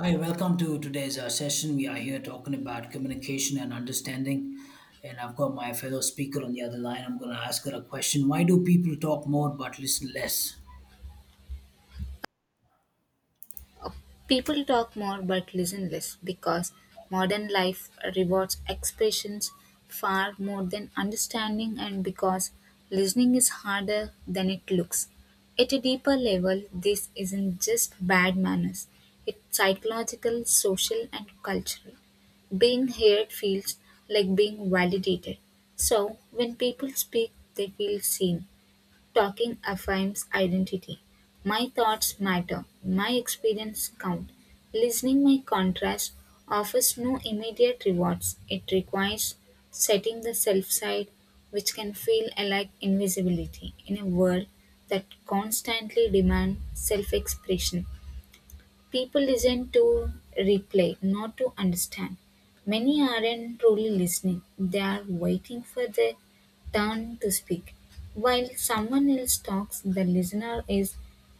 Hi, welcome to today's session. We are here talking about communication and understanding. And I've got my fellow speaker on the other line. I'm going to ask her a question. Why do people talk more but listen less? People talk more but listen less because modern life rewards expressions far more than understanding, and because listening is harder than it looks. At a deeper level, this isn't just bad manners, it's psychological, social, and cultural. Being heard feels like being validated. So, when people speak, they feel seen. Talking affirms identity. My thoughts matter. My experience count. Listening my contrast offers no immediate rewards. It requires setting the self side, which can feel like invisibility in a world that constantly demands self expression. People listen to reply, not to understand. Many aren't truly listening, they are waiting for their turn to speak. While someone else talks, the listener is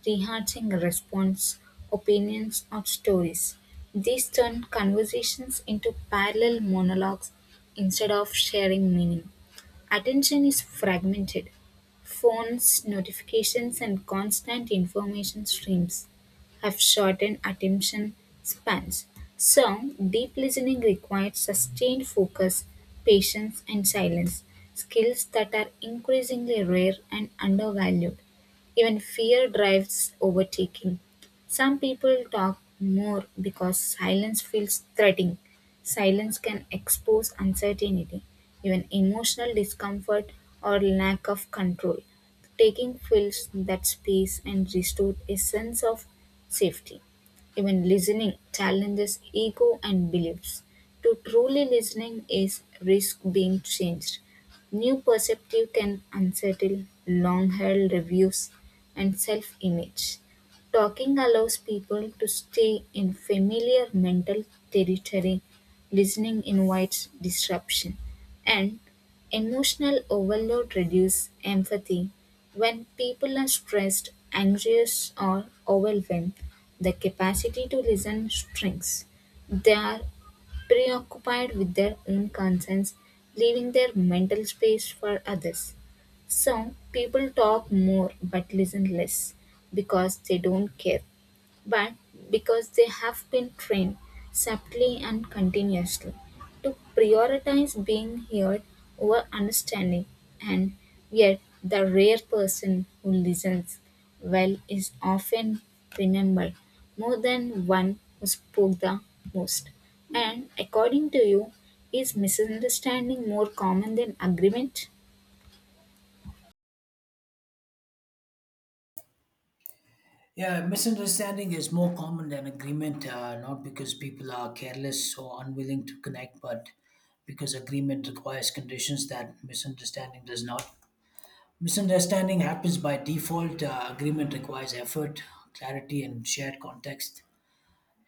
rehearsing response, opinions, or stories. These turn conversations into parallel monologues instead of sharing meaning. Attention is fragmented. Phones, notifications, and constant information streams have shortened attention spans. So, deep listening requires sustained focus, patience, and silence, skills that are increasingly rare and undervalued. Even fear drives overtaking. Some people talk more because silence feels threatening. Silence can expose uncertainty, even emotional discomfort or lack of control. Taking fills that space and restores a sense of safety. Even listening challenges ego and beliefs. To truly listening is risk being changed. New perspective can unsettle long held reviews and self image. Talking allows people to stay in familiar mental territory. Listening invites disruption. And emotional overload reduces empathy. When people are stressed, anxious, or overwhelmed, the capacity to listen shrinks. They are preoccupied with their own concerns, leaving their mental space for others. So, people talk more but listen less because they don't care but because they have been trained subtly and continuously to prioritize being heard over understanding, and yet the rare person who listens well is often remembered more than one who spoke the most. And according to you, is misunderstanding more common than agreement? Yeah, misunderstanding is more common than agreement, not because people are careless or unwilling to connect, but because agreement requires conditions that misunderstanding does not. Misunderstanding happens by default. Agreement requires effort, clarity, and shared context.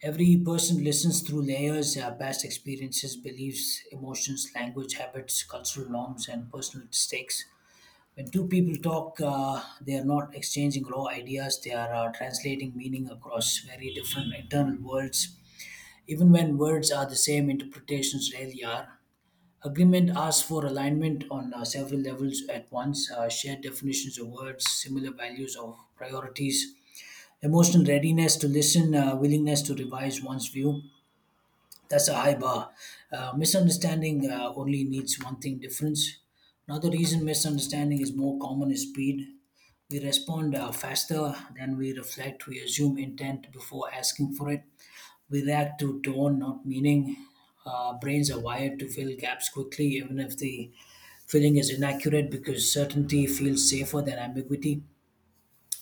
Every person listens through layers, past experiences, beliefs, emotions, language, habits, cultural norms, and personal mistakes. When two people talk, they are not exchanging raw ideas, they are translating meaning across very different internal worlds. Even when words are the same, interpretations rarely are. Agreement asks for alignment on several levels at once, shared definitions of words, similar values of priorities, emotional readiness to listen, willingness to revise one's view. That's a high bar. Misunderstanding only needs one thing, difference. Another reason misunderstanding is more common is speed. We respond faster than we reflect. We assume intent before asking for it. We react to tone, not meaning. Brains are wired to fill gaps quickly, even if the filling is inaccurate, because certainty feels safer than ambiguity.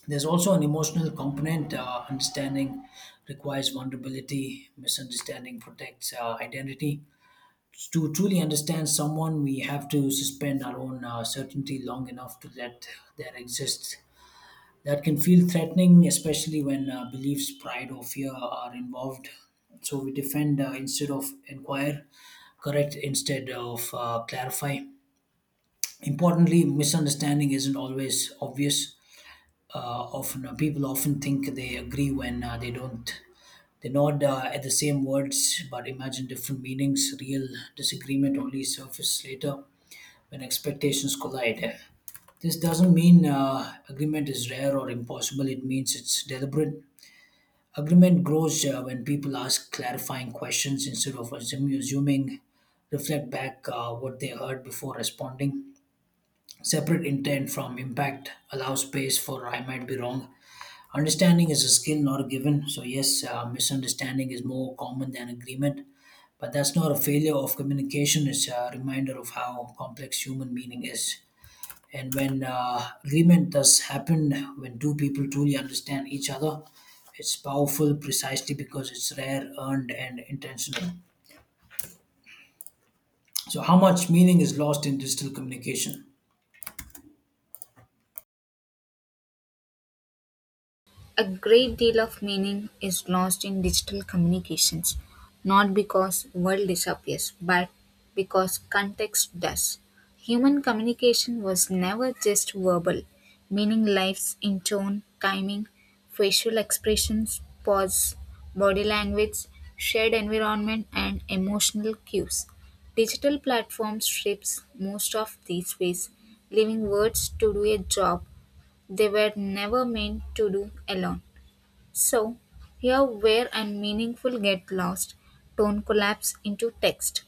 There's also an emotional component. Understanding requires vulnerability. Misunderstanding protects identity. To truly understand someone, we have to suspend our own certainty long enough to let their exist. That can feel threatening, especially when beliefs, pride, or fear are involved. So we defend instead of inquire, correct instead of clarify. Importantly, misunderstanding isn't always obvious. People often think they agree when they don't. They nod at the same words but imagine different meanings. Real disagreement only surface later when expectations collide. This doesn't mean agreement is rare or impossible, it means it's deliberate. Agreement grows when people ask clarifying questions instead of assuming, reflect back what they heard before responding. Separate intent from impact, allow space for I might be wrong. Understanding is a skill, not a given. So, yes, misunderstanding is more common than agreement, but that's not a failure of communication, it's a reminder of how complex human meaning is. And when agreement does happen, when two people truly understand each other, it's powerful precisely because it's rare, earned, and intentional. So, how much meaning is lost in digital communication? A great deal of meaning is lost in digital communications, not because world disappears, but because context does. Human communication was never just verbal, meaning lies in tone, timing, facial expressions, pause, body language, shared environment, and emotional cues. Digital platforms strips most of these ways, leaving words to do a job they were never meant to do alone. So, here where and meaningful get lost, tone collapse into text.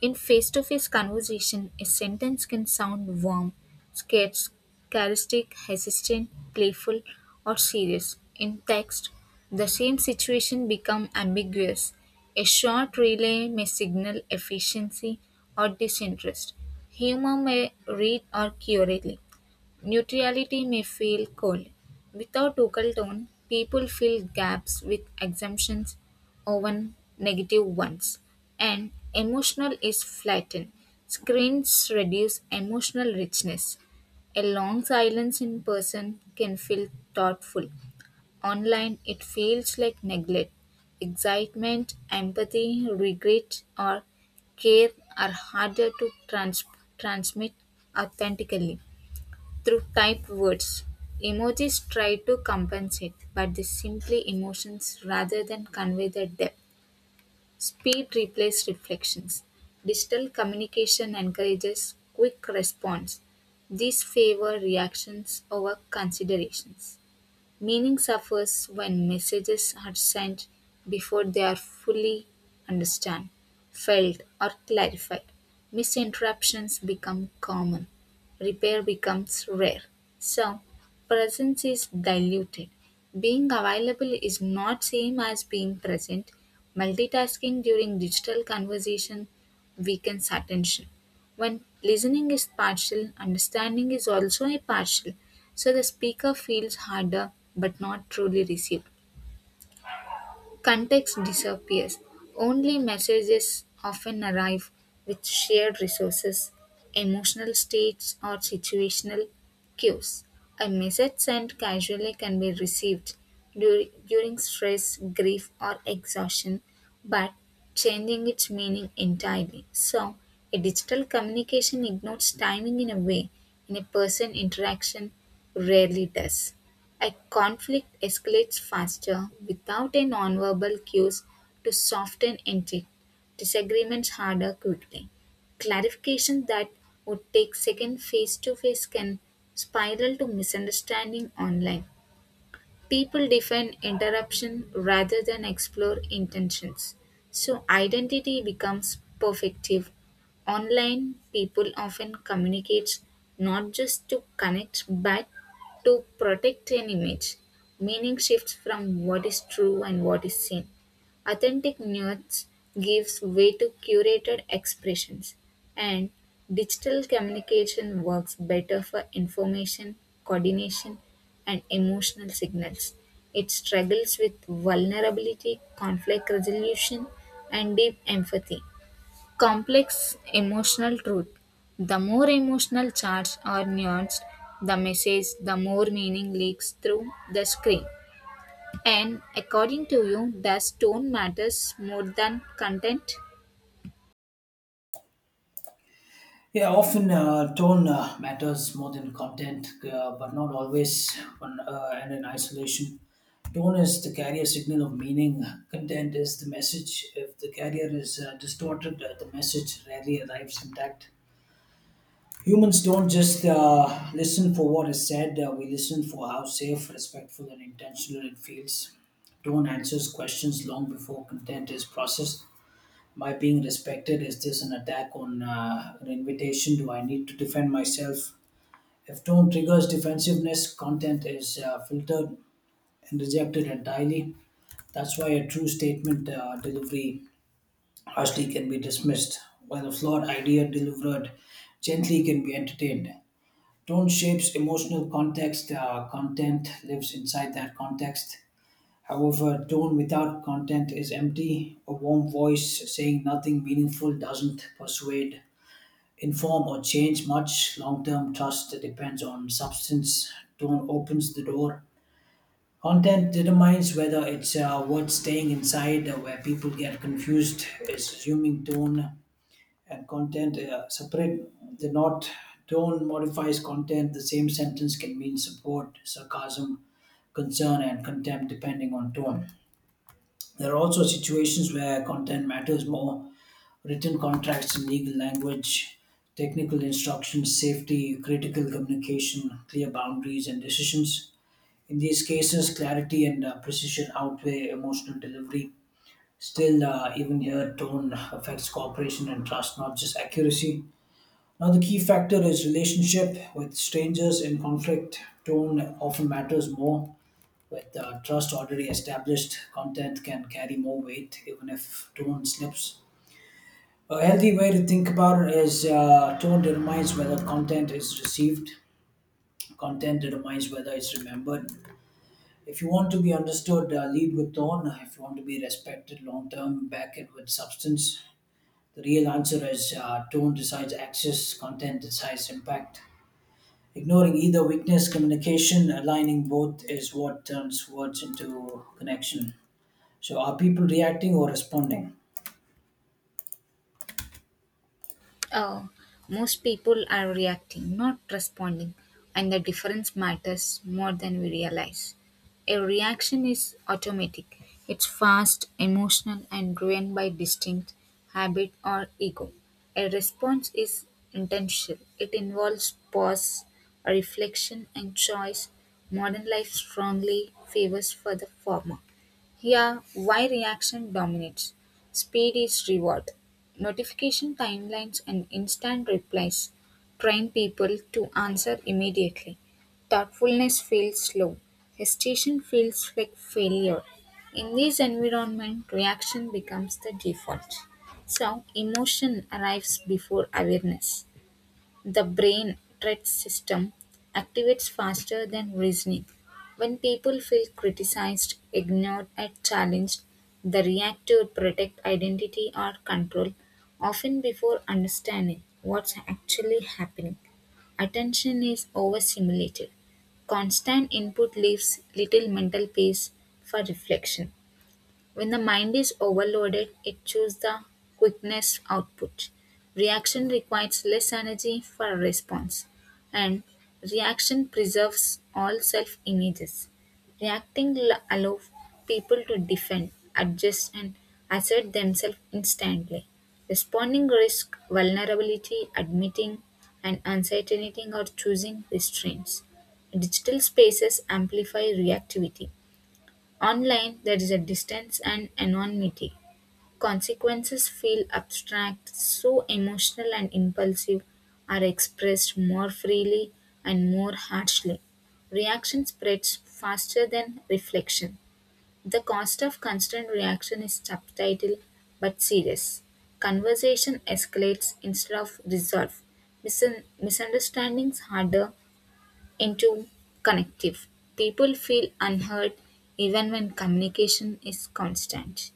In face to face conversation, a sentence can sound warm, scarce, charismatic, hesitant, playful, or serious. In text, the same situation becomes ambiguous. A short relay may signal efficiency or disinterest. Humor may read or curate. Neutrality may feel cold. Without local tone, people fill gaps with exemptions, often negative ones, and emotional is flattened. Screens reduce emotional richness. A long silence in person can feel thoughtful. Online, it feels like neglect. Excitement, empathy, regret, or care are harder to transmit authentically. Through typed words, emojis try to compensate, but they simply emotions rather than convey their depth. Speed replaces reflections. Digital communication encourages quick response. These favor reactions over considerations. Meaning suffers when messages are sent before they are fully understood, felt, or clarified. Misinterruptions become common, repair becomes rare. So, presence is diluted. Being available is not same as being present. Multitasking during digital conversation weakens attention. When listening is partial, understanding is also a partial, so the speaker feels harder but not truly received. Context disappears. Only messages often arrive with shared resources, emotional states, or situational cues. A message sent casually can be received during stress, grief, or exhaustion, but changing its meaning entirely. So, a digital communication ignores timing in a way, and a person interaction rarely does. A conflict escalates faster without a nonverbal cues to soften entry. Disagreements harder quickly. Clarification that would take seconds face to face can spiral to misunderstanding online people define interruption rather than explore intentions. So identity becomes perfective. Online, people often communicate not just to connect but to protect an image. Meaning shifts from what is true and what is seen. Authentic nuance gives way to curated expressions, and digital communication works better for information, coordination, and emotional signals. It struggles with vulnerability, conflict resolution, and deep empathy. Complex emotional truth. The more emotional charged or nuanced the message, the more meaning leaks through the screen. And according to you, does tone matters more than content? Yeah, often tone matters more than content, but not always, on, and in isolation. Tone is the carrier signal of meaning, content is the message. If the carrier is distorted, the message rarely arrives intact. Humans don't just listen for what is said, we listen for how safe, respectful, and intentional it feels. Tone answers questions long before content is processed. Am I being respected? Is this an attack on an invitation? Do I need to defend myself? If tone triggers defensiveness, content is filtered and rejected entirely. That's why a true statement delivery harshly can be dismissed, while a flawed idea delivered gently can be entertained. Tone shapes emotional context, content lives inside that context. However, tone without content is empty. A warm voice saying nothing meaningful doesn't persuade, inform, or change much. Long term trust depends on substance. Tone opens the door. Content determines whether it's worth staying inside. Where people get confused is assuming tone and content separate. The not tone modifies content. The same sentence can mean support, sarcasm, concern, and contempt depending on tone. There are also situations where content matters more. Written contracts in legal language, technical instructions, safety, critical communication, clear boundaries, and decisions. In these cases, clarity and precision outweigh emotional delivery. Still, even here, tone affects cooperation and trust, not just accuracy. Now the key factor is relationship with strangers in conflict. Tone often matters more. With trust already established, content can carry more weight even if tone slips. A healthy way to think about it is, tone determines whether content is received, content determines whether it's remembered. If you want to be understood, lead with tone. If you want to be respected long term, back it with substance. The real answer is, tone decides access, content decides impact. Ignoring either weakness, communication, aligning both is what turns words into connection. So, are people reacting or responding? Oh, most people are reacting, not responding, and the difference matters more than we realize. A reaction is automatic, it's fast, emotional, and driven by distinct habit or ego. A response is intentional, it involves pause, reflection, and choice. Modern life strongly favors for the former. Here, why reaction dominates. Speed is reward. Notification timelines and instant replies train people to answer immediately. Thoughtfulness feels slow. Hesitation feels like failure. In this environment, reaction becomes the default. So, emotion arrives before awareness. The brain threat system activates faster than reasoning. When people feel criticized, ignored, and challenged, they react to protect identity or control, often before understanding what's actually happening. Attention is overstimulated. Constant input leaves little mental space for reflection. When the mind is overloaded, it chooses the quickest output. Reaction requires less energy for response, and reaction preserves all self images. Reacting allows people to defend, adjust, and assert themselves instantly. Responding risk vulnerability, admitting and uncertainty, or choosing restraints. Digital spaces amplify reactivity. Online, there is a distance and anonymity; consequences feel abstract, so emotional and impulsive are expressed more freely and more harshly. Reaction spreads faster than reflection. The cost of constant reaction is subtitle but serious. Conversation escalates instead of resolve. Misunderstandings harder into connective. People feel unheard even when communication is constant.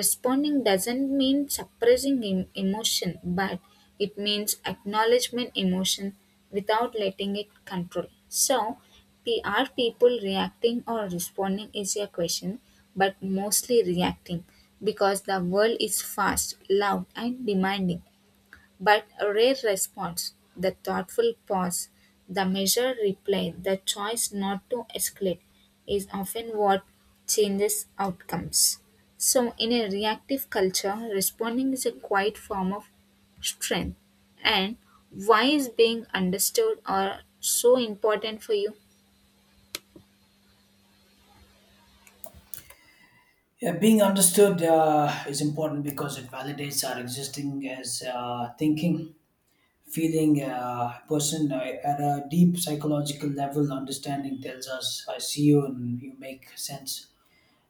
Responding doesn't mean suppressing emotion, but it means acknowledgement emotion without letting it control. So, are people reacting or responding is a question, but mostly reacting because the world is fast, loud, and demanding. But a rare response, the thoughtful pause, the measured reply, the choice not to escalate is often what changes outcomes. So, in a reactive culture, responding is a quiet form of strength. And why is being understood or so important for you? Yeah, being understood is important because it validates our existing as thinking, feeling person, at a deep psychological level. Understanding tells us, I see you and you make sense.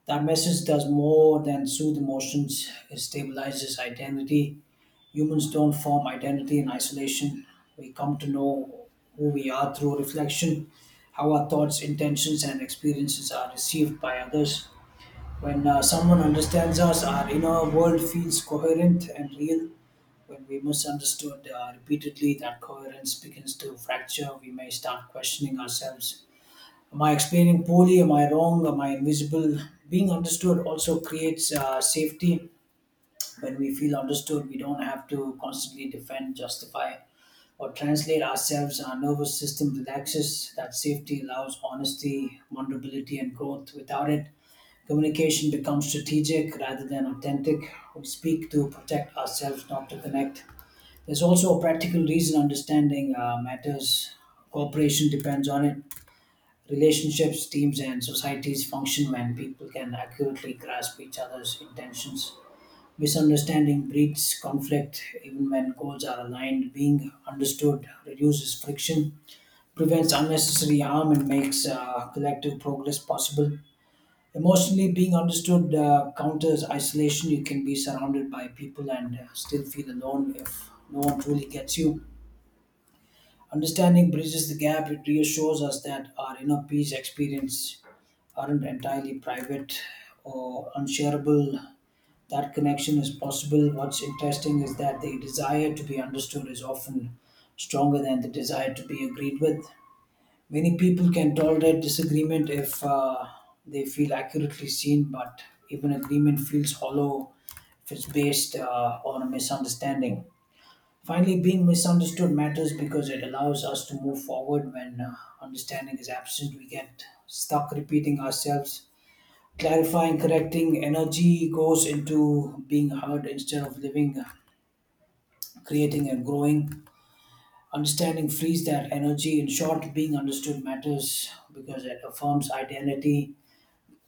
That message does more than soothe emotions, it stabilizes identity. Humans don't form identity in isolation. We come to know who we are through reflection, how our thoughts, intentions, and experiences are received by others. When someone understands us, our inner world feels coherent and real. When we misunderstood repeatedly, that coherence begins to fracture. We may start questioning ourselves. Am I explaining poorly? Am I wrong? Am I invisible? Being understood also creates safety. When we feel understood, we don't have to constantly defend, justify, or translate ourselves. Our nervous system relaxes. That safety allows honesty, vulnerability, and growth. Without it, communication becomes strategic rather than authentic. We speak to protect ourselves, not to connect. There's also a practical reason understanding matters. Cooperation depends on it. Relationships, teams, and societies function when people can accurately grasp each other's intentions. Misunderstanding breeds conflict even when goals are aligned. Being understood reduces friction, prevents unnecessary harm, and makes collective progress possible. Emotionally, being understood counters isolation. You can be surrounded by people and still feel alone if no one truly gets you. Understanding bridges the gap. It reassures us that our inner peace experience aren't entirely private or unshareable. That connection is possible. What's interesting is that the desire to be understood is often stronger than the desire to be agreed with. Many people can tolerate disagreement if they feel accurately seen, but even agreement feels hollow if it's based on a misunderstanding. Finally, being misunderstood matters because it allows us to move forward. When understanding is absent, we get stuck repeating ourselves. Clarifying, correcting energy goes into being heard instead of living, creating, and growing. Understanding frees that energy. In short, being understood matters because it affirms identity,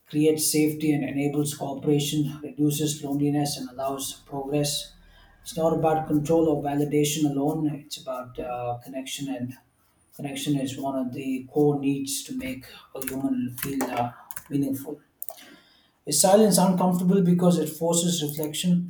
creates safety, and enables cooperation, reduces loneliness, and allows progress. It's not about control or validation alone, it's about connection, and connection is one of the core needs to make a human feel meaningful. Is silence uncomfortable because it forces reflection?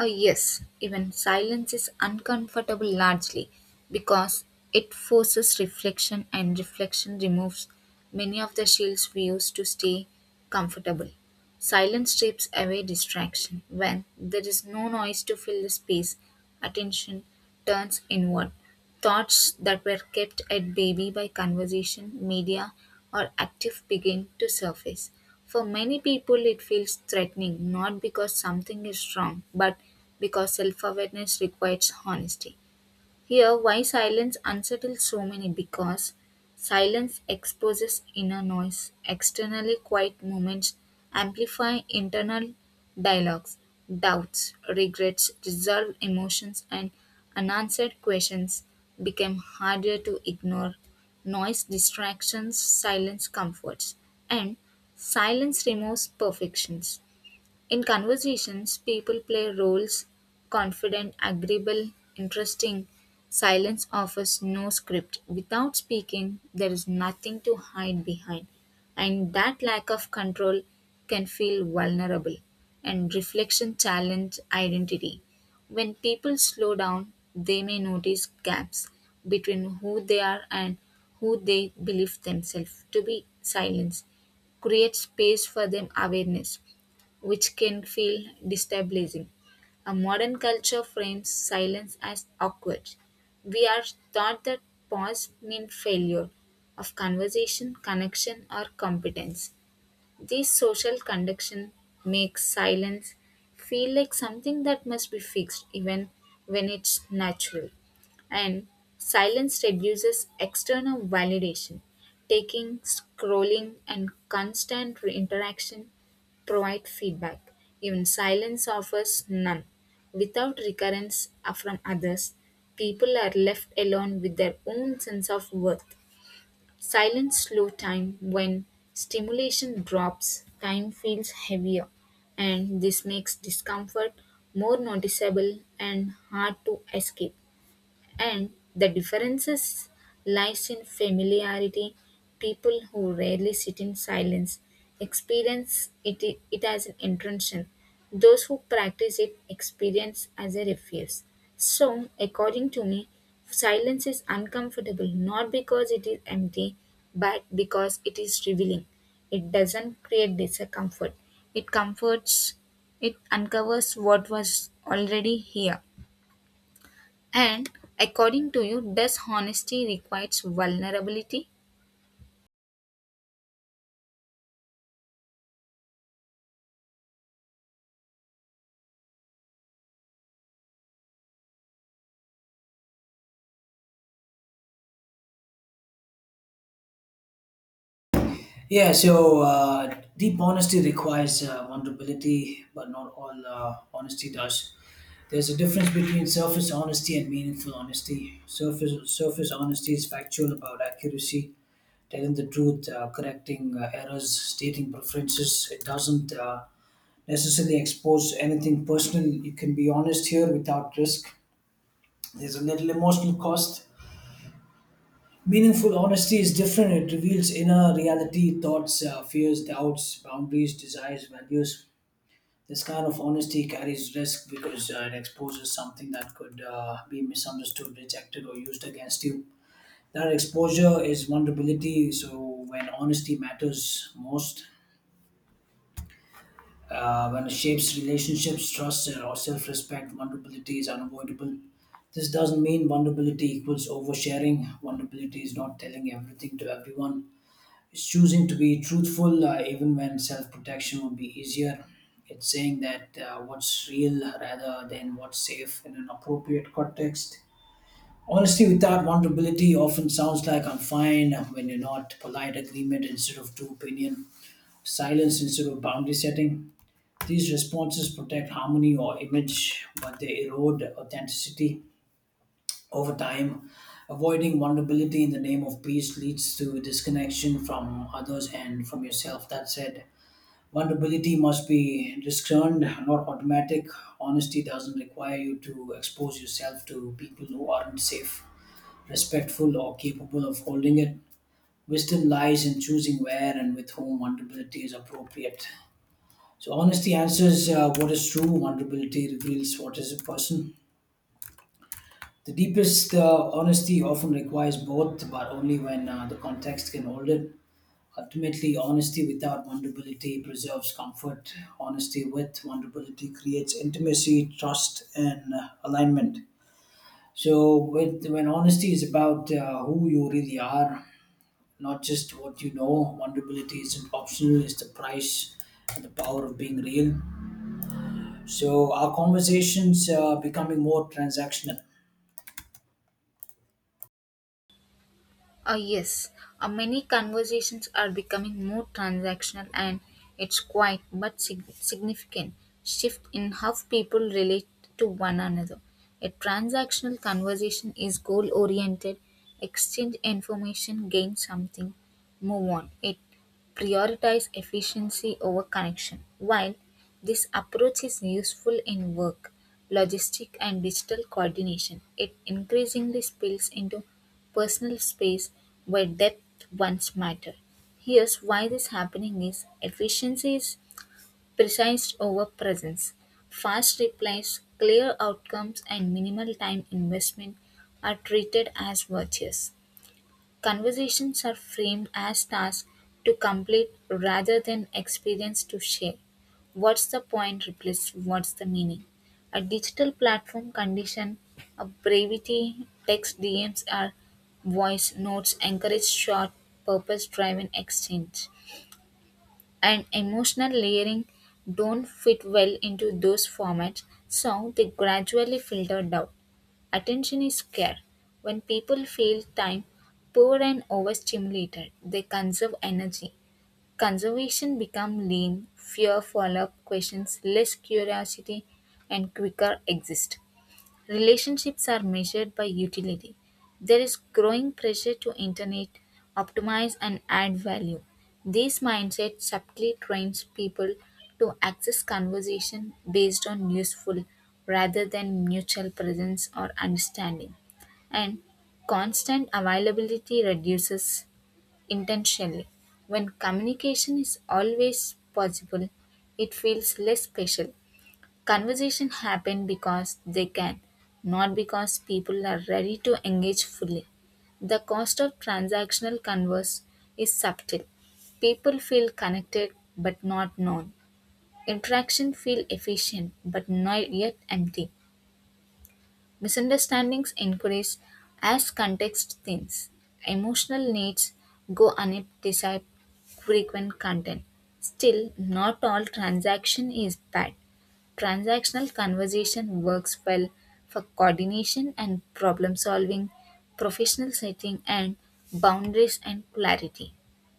Yes, even silence is uncomfortable largely because it forces reflection, and reflection removes many of the shields we use to stay comfortable. Silence strips away distraction. When there is no noise to fill the space, attention turns inward. Thoughts that were kept at bay by conversation, media, or active begin to surface. For many people, it feels threatening not because something is wrong, but because self awareness requires honesty. Here, why silence unsettles so many because silence exposes inner noise. Externally quiet moments amplify internal dialogues, doubts, regrets, resolved emotions, and unanswered questions become harder to ignore. Noise distractions, silence comforts, and silence removes perfections. In conversations, people play roles confident, agreeable, interesting. Silence offers no script. Without speaking, there is nothing to hide behind. And that lack of control can feel vulnerable. And reflection challenge identity. When people slow down, they may notice gaps between who they are and who they believe themselves to be. Silence creates space for them awareness which can feel destabilizing. A modern culture frames silence as awkward. We are taught that pause means failure of conversation, connection, or competence. This social conduction makes silence feel like something that must be fixed even when it's natural. And silence reduces external validation. Taking, scrolling, and constant interaction provide feedback. Even silence offers none. Without recurrence from others, people are left alone with their own sense of worth. Silent slow time when stimulation drops, time feels heavier, and this makes discomfort more noticeable and hard to escape and the differences lies in familiarity people who rarely sit in silence experience it as an intention those who practice it experience as a refuge so according to me silence is uncomfortable not because it is empty but because it is revealing it doesn't create discomfort it comforts it uncovers what was already here and according to you, does honesty requires vulnerability? Yeah, so deep honesty requires vulnerability, but not all honesty does. There's a difference between surface honesty and meaningful honesty. Surface honesty is factual about accuracy, telling the truth, correcting errors, stating preferences. It doesn't necessarily expose anything personal. You can be honest here without risk. There's a little emotional cost. Meaningful honesty is different. It reveals inner reality, thoughts, fears, doubts, boundaries, desires, values. This kind of honesty carries risk because it exposes something that could be misunderstood, rejected, or used against you. That exposure is vulnerability. So, when honesty matters most, when it shapes relationships, trust, or self respect, vulnerability is unavoidable. This doesn't mean vulnerability equals oversharing. Vulnerability is not telling everything to everyone. It's choosing to be truthful even when self protection would be easier. It's saying that what's real rather than what's safe in an appropriate context. Honesty without vulnerability often sounds like I'm fine when you're not, polite agreement instead of true opinion, silence instead of boundary setting. These responses protect harmony or image, but they erode authenticity. Over time, avoiding vulnerability in the name of peace leads to disconnection from others and from yourself. That said, vulnerability must be discerned, not automatic. Honesty doesn't require you to expose yourself to people who aren't safe, respectful, or capable of holding it. Wisdom lies in choosing where and with whom vulnerability is appropriate. So, honesty answers what is true, vulnerability reveals what is a person. The deepest honesty often requires both, but only when the context can hold it. Ultimately, honesty without vulnerability preserves comfort. Honesty with vulnerability creates intimacy, trust, and alignment. So, when honesty is about who you really are, not just what you know, vulnerability isn't optional, it's the price and the power of being real. So, our conversations are becoming more transactional. Yes, many conversations are becoming more transactional, and it's quite but significant shift in how people relate to one another. A transactional conversation is goal oriented, exchange information, gain something, move on. It prioritizes efficiency over connection. While this approach is useful in work, logistic, and digital coordination, it increasingly spills into personal space where depth once mattered. Here's why this happening is efficiency is precise over presence. Fast replies, clear outcomes, and minimal time investment are treated as virtues. Conversations are framed as tasks to complete rather than experience to share. What's the point replaces what's the meaning. A digital platform condition of brevity, text DMs are voice notes encourage short, purpose driven exchange. And emotional layering don't fit well into those formats, so they gradually filtered out. Attention is scarce. When people feel time poor and overstimulated, they conserve energy. Conservation becomes lean, fewer follow up questions, less curiosity, and quicker exist. Relationships are measured by utility. There is growing pressure to internet, optimize, and add value. This mindset subtly trains people to access conversation based on useful rather than mutual presence or understanding. And constant availability reduces intentionally. When communication is always possible, it feels less special. Conversation happen because they can, not because people are ready to engage fully. The cost of transactional converse is subtle. People feel connected but not known. Interaction feel efficient but not yet empty. Misunderstandings increase as context thins. Emotional needs go unsatisfied frequent content. Still, not all transaction is bad. Transactional conversation works well for coordination and problem solving, professional setting and boundaries and clarity.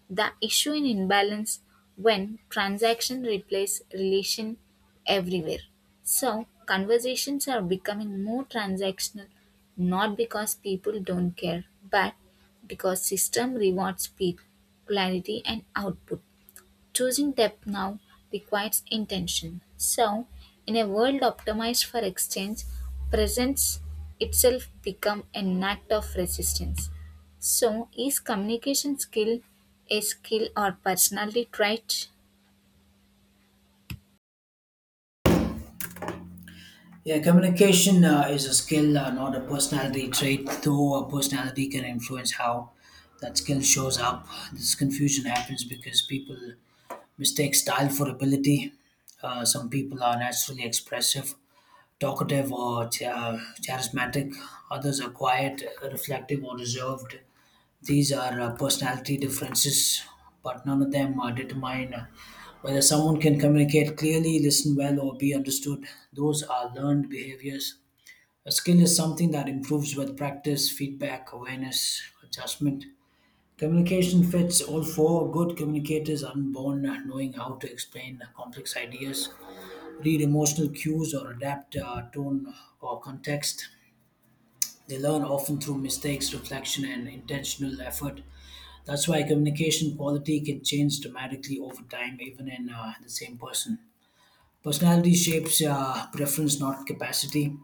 The issue in imbalance when transaction replace relation everywhere. So conversations are becoming more transactional not because people don't care but because system rewards speed, clarity and output. Choosing depth now requires intention. So, in a world optimized for exchange, presence itself become an act of resistance. So, is communication skill a skill or personality trait? Yeah, communication is a skill, not a personality trait, though a personality can influence how that skill shows up. This confusion happens because people mistake style for ability. Some people are naturally expressive, talkative, or charismatic, others are quiet, reflective, or reserved. These are personality differences, but none of them determine whether someone can communicate clearly, listen well, or be understood. Those are learned behaviors. A skill is something that improves with practice, feedback, awareness, adjustment. Communication fits all four. Good communicators are born knowing how to explain complex ideas, read emotional cues, or adapt tone or context. They learn often through mistakes, reflection, and intentional effort. That's why communication quality can change dramatically over time, even in the same person. Personality shapes preference, not capacity.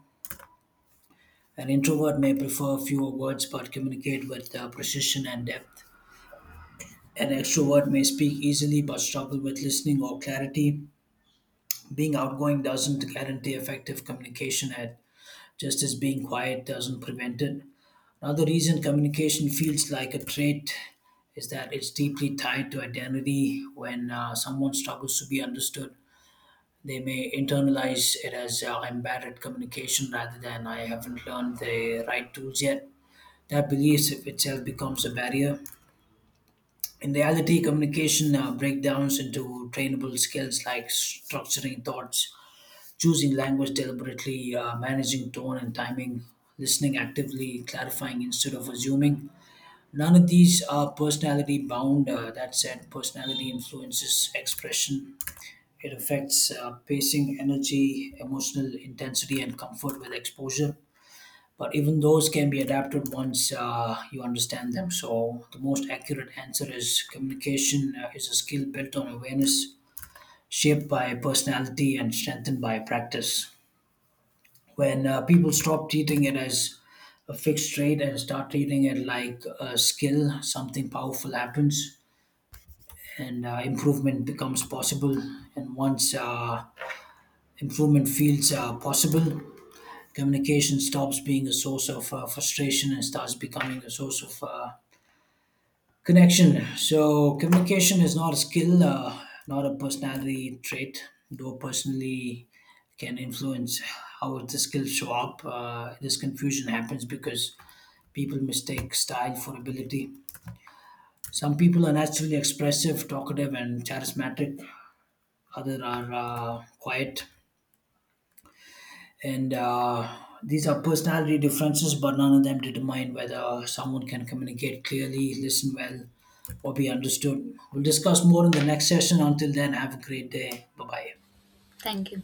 An introvert may prefer fewer words but communicate with precision and depth. An extrovert may speak easily but struggle with listening or clarity. Being outgoing doesn't guarantee effective communication, at just as being quiet doesn't prevent it. Another reason communication feels like a trait is that it's deeply tied to identity. When someone struggles to be understood, they may internalize it as I'm bad at communication rather than I haven't learned the right tools yet. That belief itself becomes a barrier. In reality, communication breakdowns into trainable skills like structuring thoughts, choosing language deliberately, managing tone and timing, listening actively, clarifying instead of assuming. None of these are personality bound. That said, personality influences expression. It affects pacing, energy, emotional intensity, and comfort with exposure, but even those can be adapted once you understand them. So, the most accurate answer is communication is a skill built on awareness, shaped by personality, and strengthened by practice. When people stop treating it as a fixed trait and start treating it like a skill, something powerful happens and improvement becomes possible. And once improvement feels possible, communication stops being a source of frustration and starts becoming a source of connection. So, communication is not a skill, not a personality trait, though personally can influence how the skills show up. This confusion happens because people mistake style for ability. Some people are naturally expressive, talkative, and charismatic. Others are quiet, and these are personality differences, but none of them determine whether someone can communicate clearly, listen well, or be understood. We'll discuss more in the next session. Until then, have a great day. Bye bye. Thank you.